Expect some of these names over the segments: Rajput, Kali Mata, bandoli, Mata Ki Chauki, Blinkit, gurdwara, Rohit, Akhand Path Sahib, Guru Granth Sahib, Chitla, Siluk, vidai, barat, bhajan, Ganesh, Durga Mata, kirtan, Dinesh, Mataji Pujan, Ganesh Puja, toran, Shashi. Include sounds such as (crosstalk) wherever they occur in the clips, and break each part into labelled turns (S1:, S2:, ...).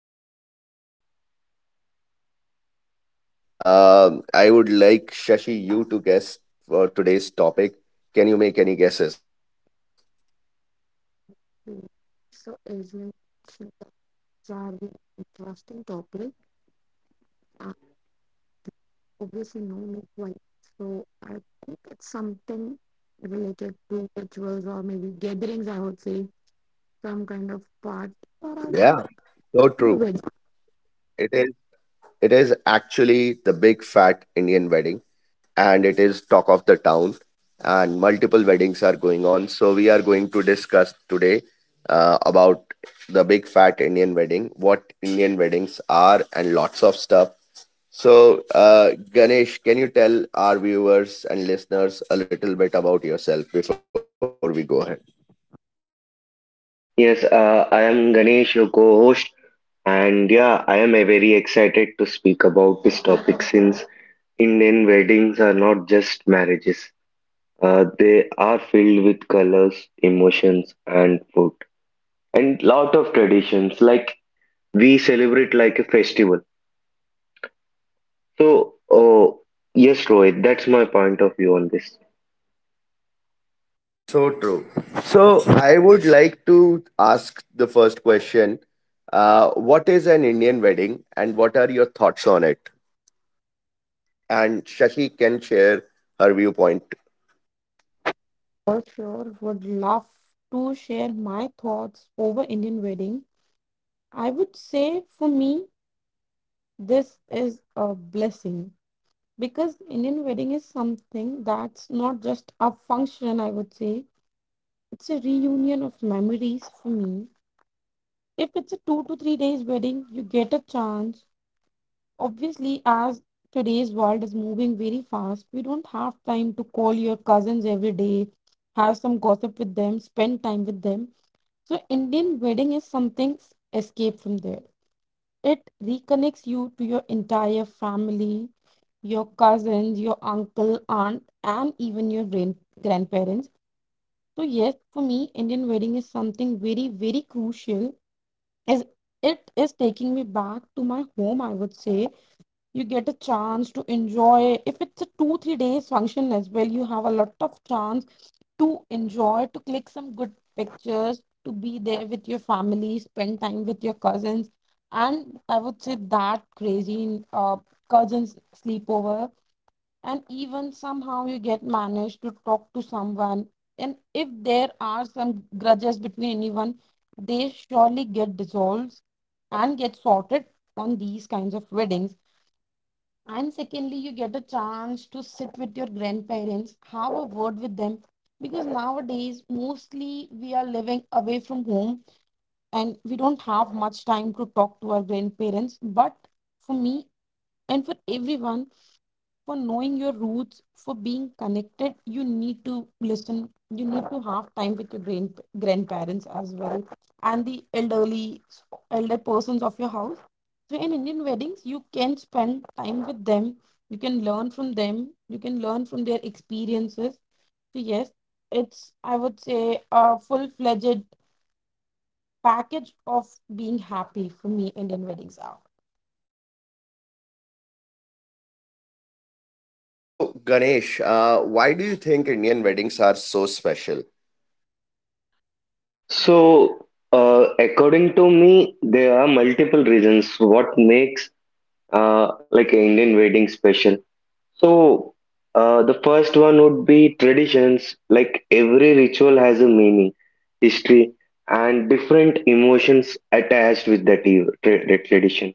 S1: Interesting one, and the season is on. I would like Shashi, you to guess for today's topic. Can you make any guesses?
S2: Okay, so Asian cultures are really interesting topic, and obviously known as white. So I think it's something related to rituals or maybe gatherings. I would say some kind of
S1: Yeah,
S2: part, or I
S1: so
S2: think
S1: true.
S2: a wedding
S1: It is. It is actually the big fat Indian wedding, and it is talk of the town, and multiple weddings are going on. So, we are going to discuss today about the big fat Indian wedding, what Indian weddings are, and lots of stuff. So, Ganesh, can you tell our viewers and listeners a little bit about yourself before we go ahead?
S3: Yes, I am Ganesh, your co-host, and yeah, I am very excited to speak about this topic since Indian weddings are not just marriages. They are filled with colors, emotions, and food, and lot of traditions. Like we celebrate like a festival. So, yes, Rohit, that's my point of view on this.
S1: So true. So I would like to ask the first question. What is an Indian wedding and what are your thoughts on it? And Shashi can share her viewpoint.
S2: for sure. Would love to share my thoughts over Indian wedding. I would say for me this is a blessing because Indian wedding is something that's not just a function. I would say it's a reunion of memories for me. If it's a 2 to 3 days wedding, you get a chance. Obviously, as today's world is moving very fast, we don't have time to call your cousins every day, have some gossip with them, spend time with them. So, Indian wedding is something escape from there. It reconnects you to your entire family, your cousins, your uncle, aunt, and even your grandparents. So yes, for me, Indian wedding is something very, very crucial, as it is taking me back to my home, I would say. You get a chance to enjoy, if it's a two, 3 days function as well, you have a lot of chance to enjoy, to click some good pictures, to be there with your family, spend time with your cousins. And I would say that crazy cousins sleepover, and even somehow you get managed to talk to someone, and if there are some grudges between anyone, they surely get dissolved and get sorted on these kinds of weddings. And secondly, you get a chance to sit with your grandparents, have a word with them, because nowadays mostly we are living away from home, and we don't have much time to talk to our grandparents. But for me, and for everyone, for knowing your roots, for being connected, you need to listen, you need to have time with your grandparents as well, and the elder persons of your house. So in Indian weddings, you can spend time with them, you can learn from them, you can learn from their experiences. So yes, it's, I would say, a full-fledged package of being happy. For me, Indian weddings are...
S1: So, Ganesh, why do you think Indian weddings are so special?
S3: So, according to me, there are multiple reasons what makes like an Indian wedding special. So, the first one would be traditions. Like every ritual has a meaning, history, and different emotions attached with that tradition.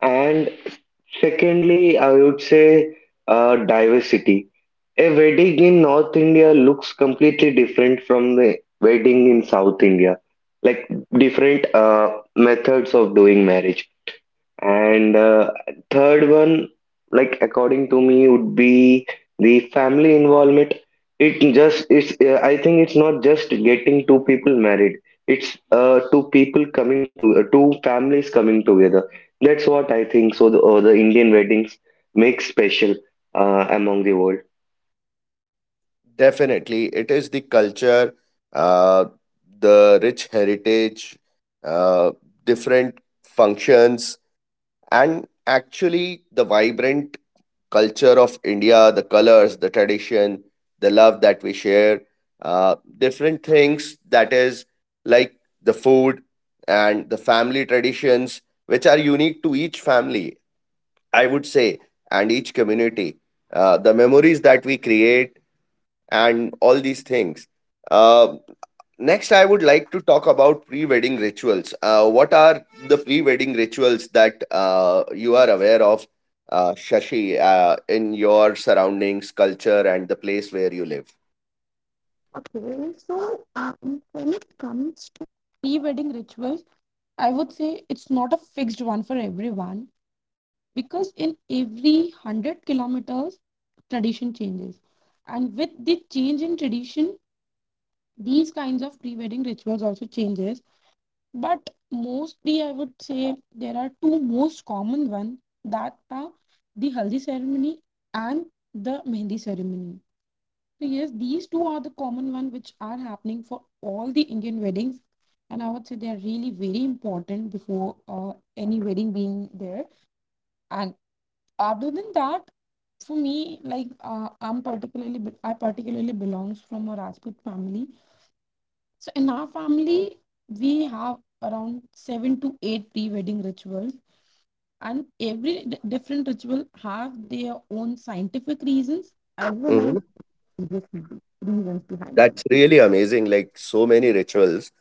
S3: And secondly, I would say diversity. A wedding in North India looks completely different from the wedding in South India, like different methods of doing marriage, and third one, like according to me, would be the family involvement. It just it's I think it's not just getting two people married. It's two people coming to two families coming together. That's what I think. So the Indian weddings make special among the world.
S1: Definitely, it is the culture, uh, the rich heritage, uh, different functions, and actually the vibrant culture of India, the colors, the tradition, the love that we share, different things that is like the food and the family traditions, which are unique to each family, I would say, and each community. The memories that we create and all these things. Uh, Next, I would like to talk about pre wedding rituals. What are the pre wedding rituals that you are aware of, Shashi, in your surroundings, culture, and the place where you live?
S2: Okay, so when it comes to pre-wedding rituals, I would say it's not a fixed one for everyone, because in every 100 kilometers, tradition changes. And with the change in tradition, these kinds of pre-wedding rituals also changes. But mostly, I would say there are two most common ones that are the haldi ceremony and the mehndi ceremony. So yes, these two are the common one which are happening for all the Indian weddings, and I would say they are really very important before any wedding being there. And other than that, for me, like I particularly belongs from a Rajput family. So in our family, we have around seven to eight pre-wedding rituals, and every different ritual have their own scientific reasons as well as
S1: hmm
S2: religious reasons behind them.
S1: That's really amazing. Like so many rituals.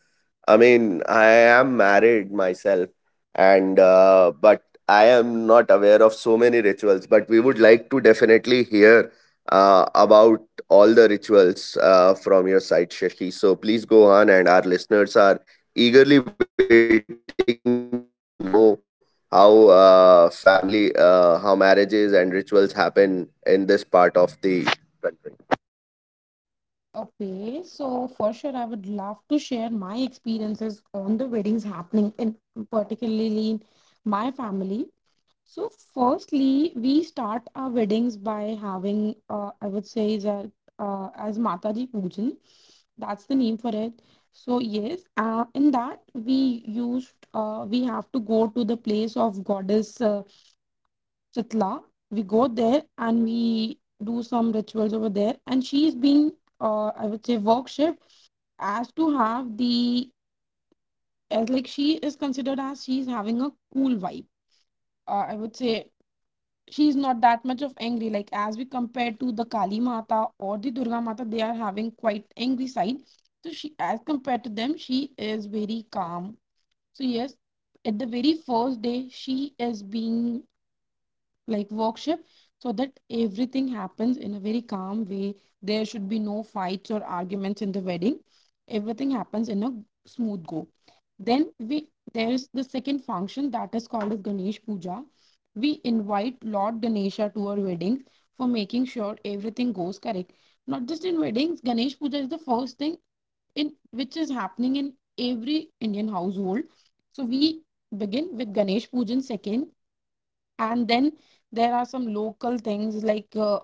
S1: I mean, I am married myself, and but I am not aware of so many rituals. But we would like to definitely hear about all the rituals from your side, Shashi. So please go on, and our listeners are eagerly waiting to know how how marriages and rituals happen in this part of the country.
S2: Okay, so for sure, I would love to share my experiences on the weddings happening in particularly in my family. So, firstly, we start our weddings by having, I would say, is a, as Mataji Pujan. That's the name for it. So, yes, in that we have to go to the place of goddess, Chitla. We go there and we do some rituals over there, and she's been, I would say, work shift, as to have the, as, like, she is considered as she's having a cool vibe. I would say she's not that much of angry. Like, as we compare to the Kali Mata or the Durga Mata, they are having quite angry side. So she, as compared to them, she is very calm. So yes, at the very first day, she is being, like, workshop, so that everything happens in a very calm way. There should be no fights or arguments in the wedding. Everything happens in a smooth go. Then we there is the second function that is called as Ganesh Puja. We invite Lord Ganesha to our weddings for making sure everything goes correct. Not just in weddings, Ganesh Puja is the first thing in which is happening in every Indian household. So we begin with Ganesh Pujan second. And then there are some local things, like,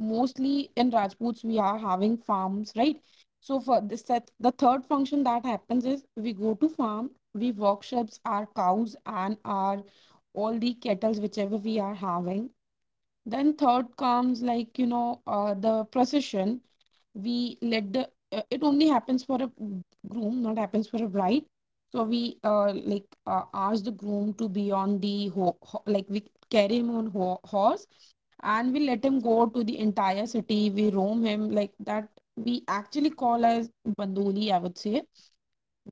S2: mostly in Rajputs we are having farms, right? So for this, that the third function that happens is we go to farm, we workshops our cows and our all the kettles whichever we are having. Then third comes, like, the procession. We let the it only happens for a groom, not happens for a bride. So we, like, ask the groom to be on the ho- ho- like we carry him on horse, and we let him go to the entire city, we roam him like that. We actually call as bandoli, I would say.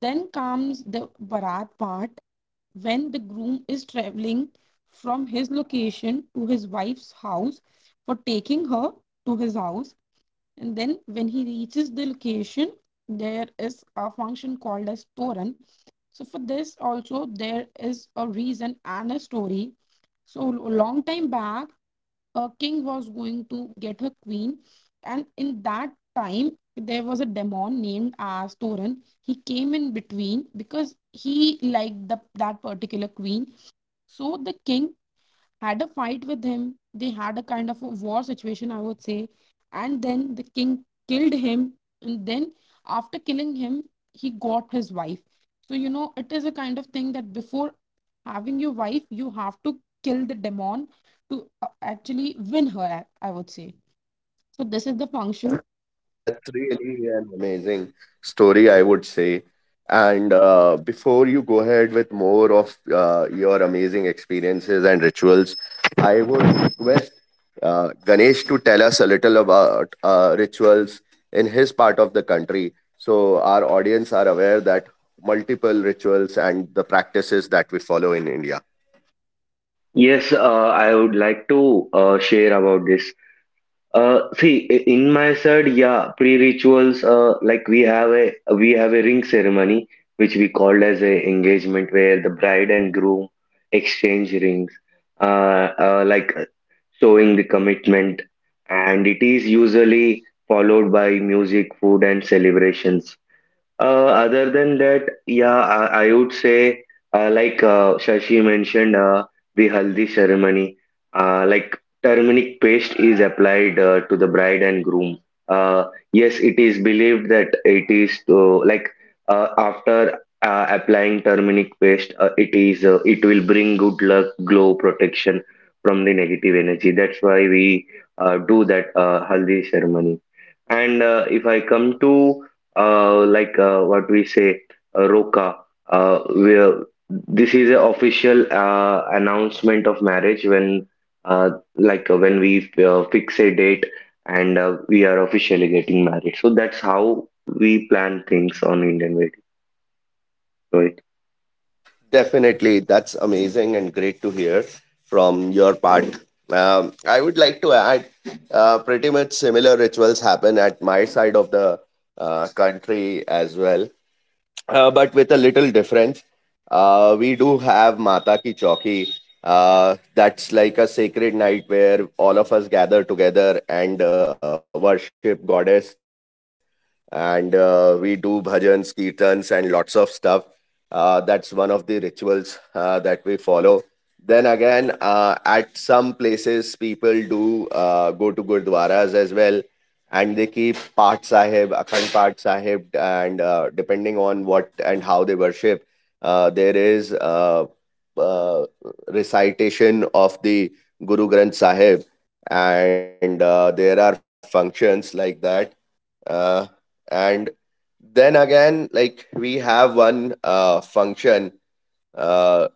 S2: Then comes the barat part, when the groom is traveling from his location to his wife's house for taking her to his house. And then when he reaches the location, there is a function called as toran. So for this also there is a reason and a story. So, a long time back, a king was going to get her queen. And in that time, there was a demon named as toran. He came in between because he liked the that particular queen. So the king had a fight with him. They had a kind of a war situation, I would say. And then the king killed him. And then, after killing him, he got his wife. So, it is a kind of thing that before having your wife, you have to kill the demon to actually win her, I would say. So, this is the function.
S1: That's really an amazing story, I would say. And before you go ahead with more of your amazing experiences and rituals, request Ganesh to tell us a little about rituals in his part of the country. So our audience are aware that multiple rituals and the practices that we follow in India.
S3: Yes, I would like to share about this. See, in my side, yeah, pre-rituals, like we have a ring ceremony, which we called as a engagement, where the bride and groom exchange rings, uh, uh, like uh, showing the commitment, and it is usually followed by music, food, and celebrations. Other than that, yeah, I would say, Shashi mentioned, the haldi ceremony, like turmeric paste is applied to the bride and groom. Uh, yes, it is believed that it is to, like after applying turmeric paste, it will bring good luck, glow, protection from the negative energy. That's why we do that haldi ceremony. And if I come to what we say, Roka, where this is a official announcement of marriage when uh, when we fix a date and we are officially getting married. So that's how we plan things on Indian wedding, right?
S1: Definitely, that's amazing and great to hear from your part. I would like to add pretty much similar rituals happen at my side of the country as well but with a little difference. We do have Mata Ki Chauki. That's like a sacred night where all of us gather together and worship goddess, and we do bhajans, kirtans, and lots of stuff. That's one of the rituals that we follow. Then again, at some places, people do go to gurdwaras as well, and they keep Path Sahib, Akhand Path Sahib, and depending on what and how they worship, there is uh, recitation of the Guru Granth Sahib, and there are functions like that. Uh, and then again, like we have one function, uh,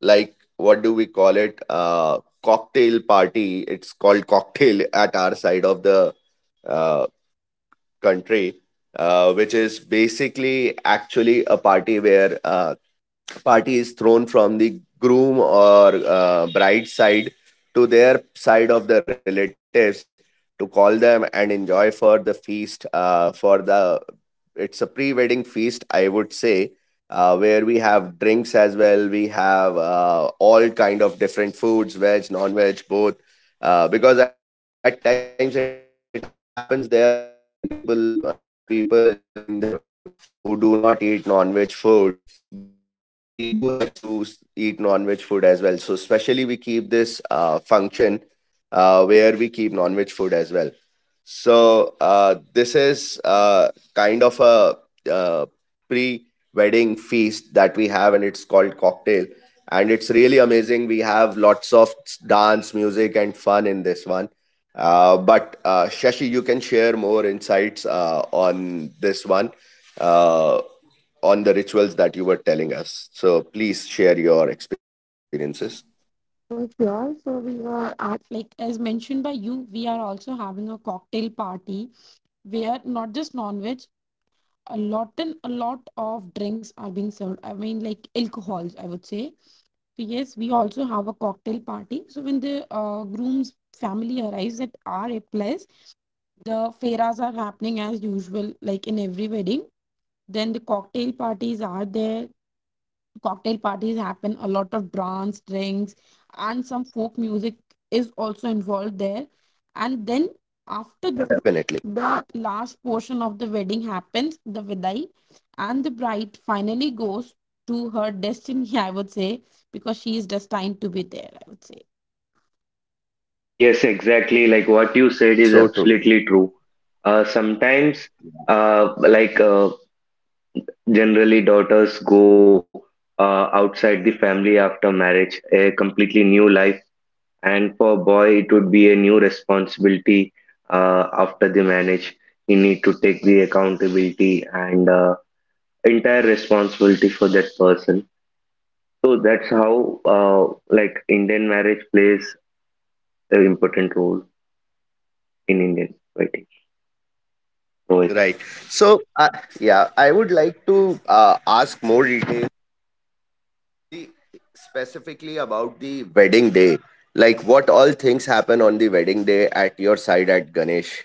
S1: like what do we call it? Cocktail party. It's called cocktail at our side of the uh, country, which is basically actually a party where party is thrown from the groom or bride's side to their side of the relatives to call them and enjoy for the feast for the it's a pre-wedding feast I would say, where we have drinks as well. We have all kind of different foods, veg, non-veg, both. Because at times it happens there are multi people during the wedding who do not eat non-veg food, but we do have guests who eat non-veg food as well. So especially we keep this function where we keep non-veg food as well. So this is kind of a uh, pre-wedding feast that we have, and it's called cocktail, and it's really amazing. We have lots of dance, music, and fun in this one. But Shashi, you can share more insights on this one, uh, on the rituals that you were telling us. So please share your experiences.
S2: For sure. So, we are at, like, as mentioned by you, we are also having a cocktail party, where not just non veg, a lot and a lot of drinks are being served. I mean, like, alcohols, I would say. So yes, we also have a cocktail party. So when the groom's family arrives at our place, the fairas are happening as usual, like in every wedding. Then the cocktail parties are there. Cocktail parties happen, a lot of dance, drinks, and some folk music is also involved there. And then, after the,
S1: Definitely,
S2: the last portion of the wedding happens the vidai, and the bride finally goes to her destiny, (laughs) I would say, because she is destined to be there, I would say.
S3: Yes, exactly. Like what you said
S1: that's
S3: is
S1: so true.
S3: absolutely true. Sometimes, like generally, daughters go outside the family after marriage, a completely new life, and for a boy, it would be a new responsibility after the marriage. He need to take the accountability and entire responsibility for that person. So that's how like Indian marriage plays an important role in Indian wedding. Rohit.
S1: Right. So, yeah, I would like to ask more details the specifically about the wedding day. Like, what all things happen on the wedding day at your side at Ganesh?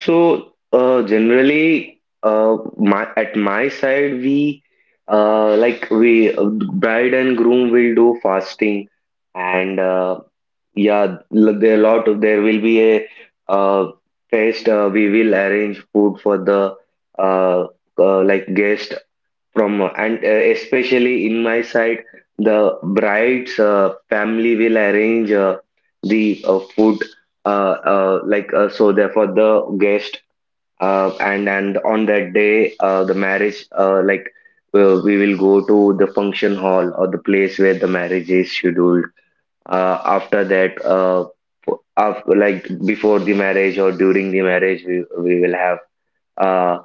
S3: So generally, my at my side, we uh, like we uh, bride and groom will do fasting, and yeah, there are lot of there will be a uh, fest. We will arrange food for the uh, guest from, and especially in my side, the bride's family will arrange the food so therefore the guest. And on that day the marriage we will go to the function hall or the place where the marriage is scheduled. After that, after, like before the marriage or during the marriage, we will have uh,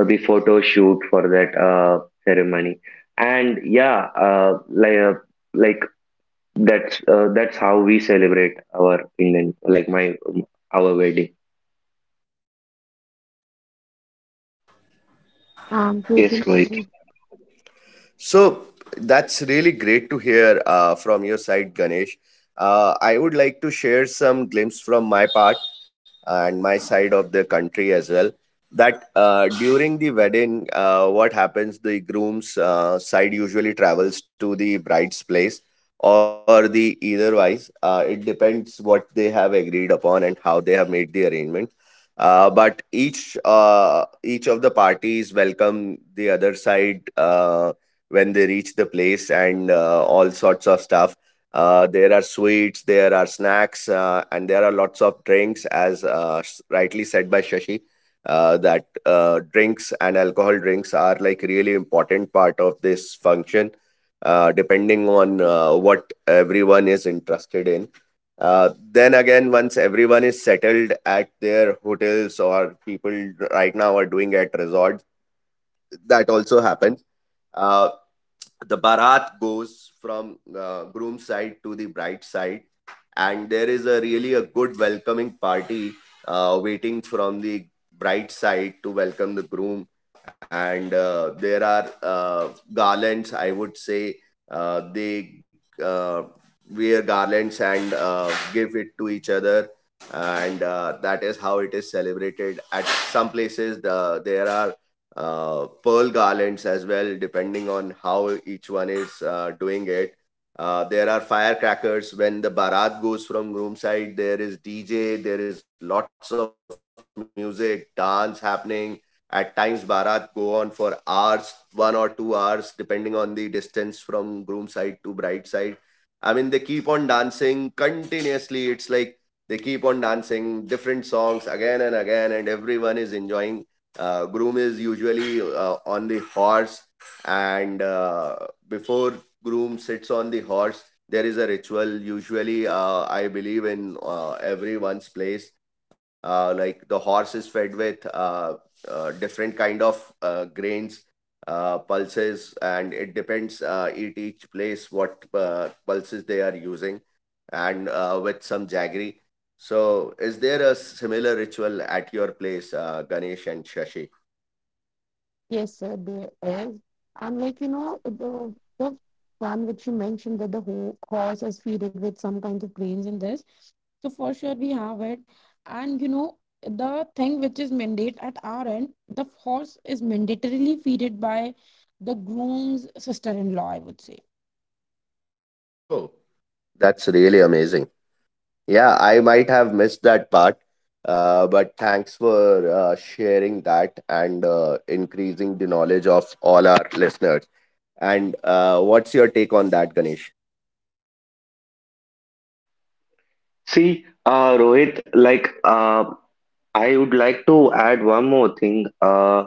S3: the photo shoot for that ceremony. And yeah, like that's how we celebrate our Indian, like my our wedding.
S2: Um
S3: Yes,
S2: totally
S3: Rohit.
S2: agree.
S1: So that's really great to hear from your side, Ganesh. I would like to share some glimpse from my part and my side of the country as well. That during the wedding, what happens? The groom's side usually travels to the bride's place, or the either wise. It depends what they have agreed upon and how they have made the arrangement. But each of the parties welcome the other side when they reach the place and all sorts of stuff. There are sweets, there are snacks, and there are lots of drinks, as rightly said by Shashi. That Drinks and alcohol drinks are like really important part of this function, depending on what everyone is interested in. Then again, once everyone is settled at their hotels or people right now are doing at resorts, that also happens. Uh, the barat goes from groom side to the bride side, and there is a really a good welcoming party waiting from the bride side to welcome the groom, and there are garlands I would say, they uh, wear garlands and give it to each other, and that is how it is celebrated. At some places, there are pearl garlands as well, depending on how each one is doing it. There are firecrackers when the barat goes from groom side. There is DJ. There is lots of music, dance happening. At times, barat go on for hours, 1 or 2 hours, depending on the distance from groom side to bride side. I mean, they keep on dancing continuously. It's like they keep on dancing different songs again and again, and everyone is enjoying. Groom is usually on the horse, and before groom sits on the horse, there is a ritual. Usually, I believe in everyone's place. Like the horse is fed with different kind of grains, pulses, and it depends at each place what pulses they are using, and with some jaggery. So, is there a similar ritual at your place, Ganesh and Shashi?
S2: Yes sir, there is. And, like, the one which you mentioned, that the horse is fed with some kind of grains in this. So for sure we have it. And, the thing which is mandate at our end, the horse is mandatorily feeded by the groom's sister-in-law, I would say.
S1: Oh, that's really amazing. Yeah, I might have missed that part, but thanks for sharing that and increasing the knowledge of all our listeners. And what's your take on that, Ganesh?
S3: See, Rohit, I would like to add one more thing.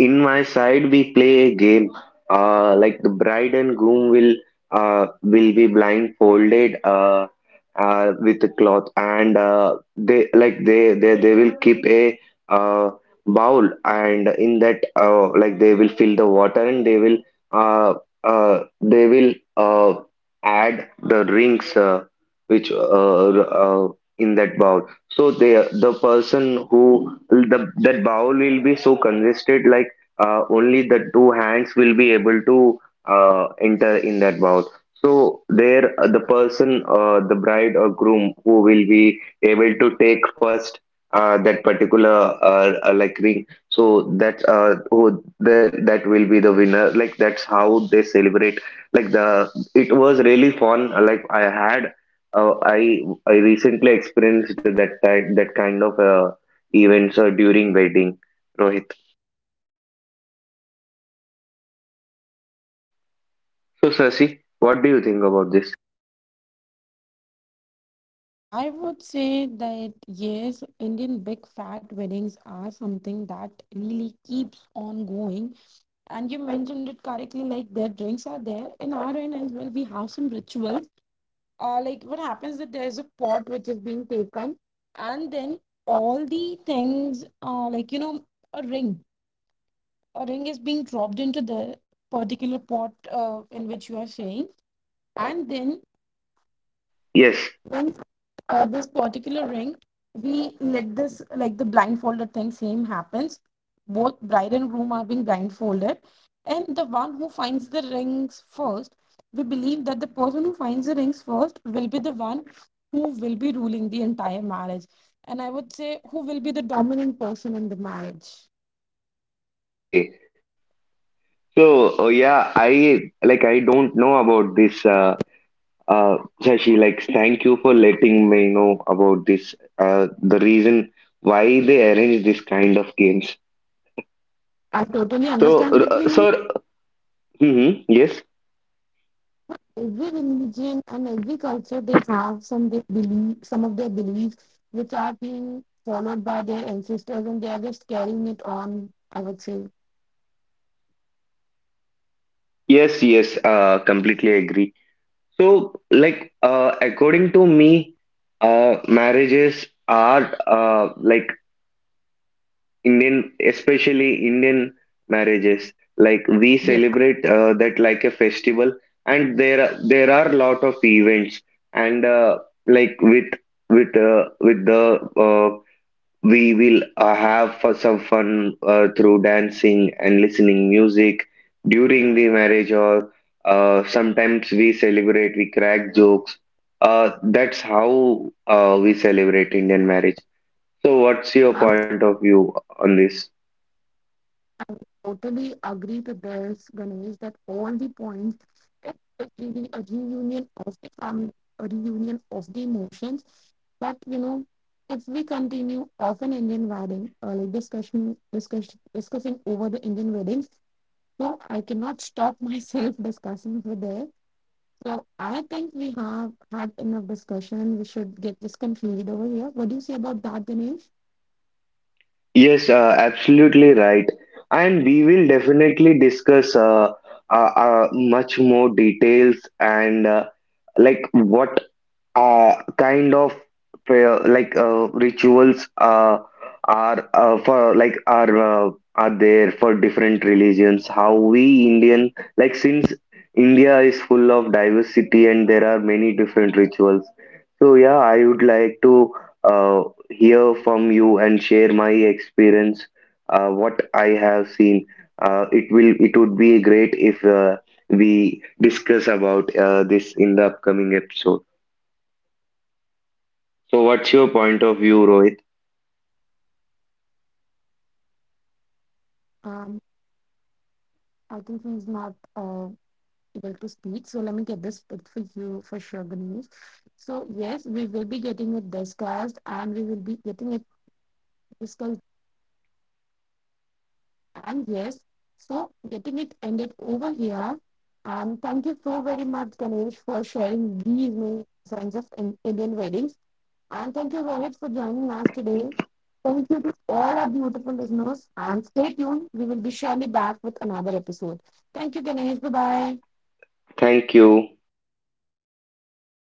S3: In my side we play a game, like the bride and groom uh will be blindfolded with a cloth, and they like they will keep a uh bowl, and in that, they will fill the water and they will uh uh they will uh add the rings, which uh in that bowl. So they the person who the that bowl will be so congested, like only the two hands will be able to enter in that bath. So there, the person, the bride or groom, who will be able to take first that particular like ring. So that who that that will be the winner. Like that's how they celebrate. Like the it was really fun. Like I had. I recently experienced that type, that kind of events during wedding. Rohit.
S1: Yeah, I believe that this ritual happens at my
S3: So,
S1: place as
S3: Sasi,
S1: well,
S3: what do you think
S1: and
S3: about
S1: would be
S3: this?
S1: definitely a part at Shashi's place, as most of
S2: I
S1: the
S2: would
S1: rituals
S2: say
S1: in
S2: that,
S1: Indian
S2: yes, Indian big fat
S1: country,
S2: weddings are
S1: India side,
S2: something
S1: are
S2: that
S1: pretty much
S2: really
S1: similar.
S2: keeps on
S1: Uh,
S2: going.
S1: but before I
S2: And you
S1: move on
S2: mentioned
S1: to a
S2: it correctly,
S1: ritual,
S2: like their
S1: which
S2: drinks
S1: is
S2: are
S1: of
S2: there.
S1: post
S2: In our
S1: wedding,
S2: end as well,
S1: I
S2: we
S1: would
S2: have
S1: like to
S2: some
S1: talk about
S2: rituals,
S1: one more ritual which
S2: like,
S1: happens
S2: what
S1: at my
S2: happens that
S1: place,
S2: there's a pot which is being
S1: which is
S2: taken,
S1: like
S2: and then all
S1: basically
S2: the things,
S1: once
S2: like,
S1: the groom
S2: a ring
S1: is reached
S2: a
S1: to
S2: ring is being dropped
S1: bride's
S2: into
S1: place
S2: the
S1: and there
S2: particular
S1: is
S2: pot,
S1: one ritual
S2: in which you are
S1: uh,
S2: saying. And then
S1: basically where
S3: Yes.
S1: what do
S2: when,
S1: you call it,
S2: this particular
S1: the
S2: ring, we
S1: groom
S2: let this,
S1: goes
S2: like, the
S1: to
S2: blindfolded thing same
S1: bride's room
S2: happens.
S1: with his
S2: Both
S1: family,
S2: bride and groom are being
S1: and there is
S2: blindfolded,
S1: one
S2: and the one who
S1: curtain
S2: finds the
S1: in between
S2: rings
S1: on the
S2: first,
S1: door
S2: we believe that the
S1: and they
S2: person who
S1: are not
S2: finds the
S1: allowed
S2: rings
S1: to see
S2: first
S1: each
S2: will be
S1: other.
S2: the one
S1: uh,
S2: who will be
S1: Bride's
S2: ruling the entire
S1: mother
S2: marriage. And I
S1: makes
S2: would
S1: a
S2: say who will be the
S1: ponytail
S2: dominant
S1: of
S2: person in
S1: a
S2: the
S1: groom
S2: marriage.
S1: and uh,
S3: Okay.
S1: does few things, combs her
S3: So, yeah,
S1: combs
S3: I like
S1: his
S3: I
S1: hair,
S3: don't know about
S1: and
S3: this.
S1: they both have to
S3: Sashi, like,
S1: perform
S3: thank you
S1: some
S3: for
S1: rituals.
S3: letting me know
S1: So
S3: about
S1: this is
S3: this.
S1: one more ritual
S3: The
S1: which happens
S3: reason
S1: at our place and
S3: why
S1: it's
S3: they
S1: really an
S3: arrange this kind
S1: interesting
S3: of
S1: one,
S3: games.
S1: because lots
S2: I
S1: of fun
S2: totally
S3: So,
S1: activities
S2: understand, but,
S1: happen
S3: uh, so,
S1: between the
S3: mm-hmm,
S1: groom and
S3: yes,
S1: the mother-in-law and
S2: every
S1: sister-in-laws.
S2: religion and every
S1: So
S2: culture, they
S1: this
S2: have
S1: is
S2: some, they
S1: from
S2: believe
S1: my
S2: some of
S1: side.
S2: their beliefs which
S1: Anything
S2: are
S1: that you would
S2: being
S1: like to add,
S2: followed by
S1: Shashi, on
S2: their
S1: this one?
S2: ancestors, and they are just carrying it on, I would say.
S3: yes, yes. Completely agree. So, like, according to me, marriages are
S1: So,
S3: like
S1: guys, these are
S3: Indian,
S1: pretty
S3: especially
S1: much
S3: Indian
S1: most of the rituals
S3: marriages,
S1: that happen
S3: like we
S1: in
S2: Yes,
S3: celebrate
S1: pre-wedding.
S3: that like
S1: Uh,
S3: a
S1: but I
S3: festival,
S1: think we can take
S3: and
S1: up
S3: there are-
S1: the
S3: there are lot of
S1: post-wedding rituals
S3: events,
S1: in the next
S3: and
S1: episode,
S3: like
S1: because these
S3: with the
S1: are
S3: uh, we
S1: lots of
S3: will
S1: things that we
S3: have
S1: can
S3: for some
S1: talk
S3: fun
S1: about.
S3: through
S1: Uh,
S3: dancing and listening music
S1: and
S3: during the
S1: that's
S3: marriage,
S1: pretty
S3: or
S1: much it for today, I would
S3: sometimes we
S1: say.
S3: celebrate, we crack
S1: We can
S3: jokes.
S1: end the
S3: Uh,
S1: podcast
S3: that's
S1: today
S3: how
S1: and we can come up
S3: we
S1: and keep
S3: celebrate Indian marriage.
S1: everyone
S3: So, what's
S1: curious.
S3: your
S2: I
S3: point of view
S1: Uh,
S3: on this?
S1: so, thanks,
S2: totally
S1: Shashi,
S2: agree to this,
S1: and
S2: Ganesh, that
S1: thanks.
S2: all the points, it is really a reunion of the family, a reunion of the emotions. But,
S1: Our listeners have
S2: if we
S1: enjoyed today's
S2: continue
S1: show.
S2: of an Indian wedding, or, like, discussing over the
S1: Our
S2: Indian
S1: listeners
S2: wedding,
S1: have enjoyed today's
S2: so I
S1: podcast
S2: cannot stop myself
S1: and
S2: (laughs)
S1: they
S2: discussing over
S1: have
S2: there.
S1: been
S2: So I
S1: influenced
S2: think we
S1: how Indian
S2: have had
S1: weddings
S2: enough
S1: are.
S2: discussion. We
S1: There
S2: should
S1: is
S2: get
S1: lots
S2: this
S1: of
S2: concluded
S1: fun,
S2: over
S1: lots
S2: here.
S1: of
S2: What do you say
S1: music,
S2: about that, Dinesh?
S1: there is lots of engagement,
S3: Yes,
S1: lots of activities
S3: absolutely
S1: that
S3: right.
S1: happen.
S3: And we will
S1: To conclude,
S3: definitely
S1: I would like
S3: discuss
S1: to say this is the most
S3: much more
S1: amazing
S3: details
S1: weddings that
S3: and
S1: happen
S3: like
S1: across
S3: what
S1: countries, and all of you should come
S3: kind
S1: and
S3: of
S1: visit
S3: prayer,
S1: at least once in your
S3: rituals
S1: life and be part of one of the
S3: are uh,
S1: Indian
S3: for
S1: weddings.
S3: like are
S1: Be it in
S3: are
S1: any
S3: there
S1: culture,
S3: for
S1: you will
S3: different
S1: feel
S3: religions.
S1: different
S3: How we
S1: kind of
S3: Indian, like since India
S1: uh,
S3: is full of diversity
S1: vibes,
S3: and there are
S1: and
S3: many different rituals. So
S1: that's
S3: yeah, I
S1: pretty
S3: would
S1: much
S3: like
S1: it.
S3: to uh, hear from you and share my
S1: So thanks
S3: experience,
S1: for joining us
S3: what
S1: today,
S3: I have seen. It would be
S1: and
S3: great if
S1: we will be
S3: we
S1: back soon with
S3: discuss
S1: another
S3: about this
S1: podcast.
S3: in the upcoming episode.
S1: Thanks to you, Ganesh and
S3: So, what's
S1: Shashi.
S3: your point of view, Rohit?
S2: Um, I think he's not able to speak. So let me get this picked for you, for sure, Ganesh. So yes, we will be getting it discussed, and we will be getting it discussed very thoroughly. And yes, so getting it ended over here. And thank you so very much, Ganesh, for sharing these many signs of Indian weddings. And thank you, Rohit, for joining us today. Thank you to all our beautiful listeners. And stay tuned. We will be surely back with another episode. Thank you, Ganesh. Bye bye.
S3: Thank you.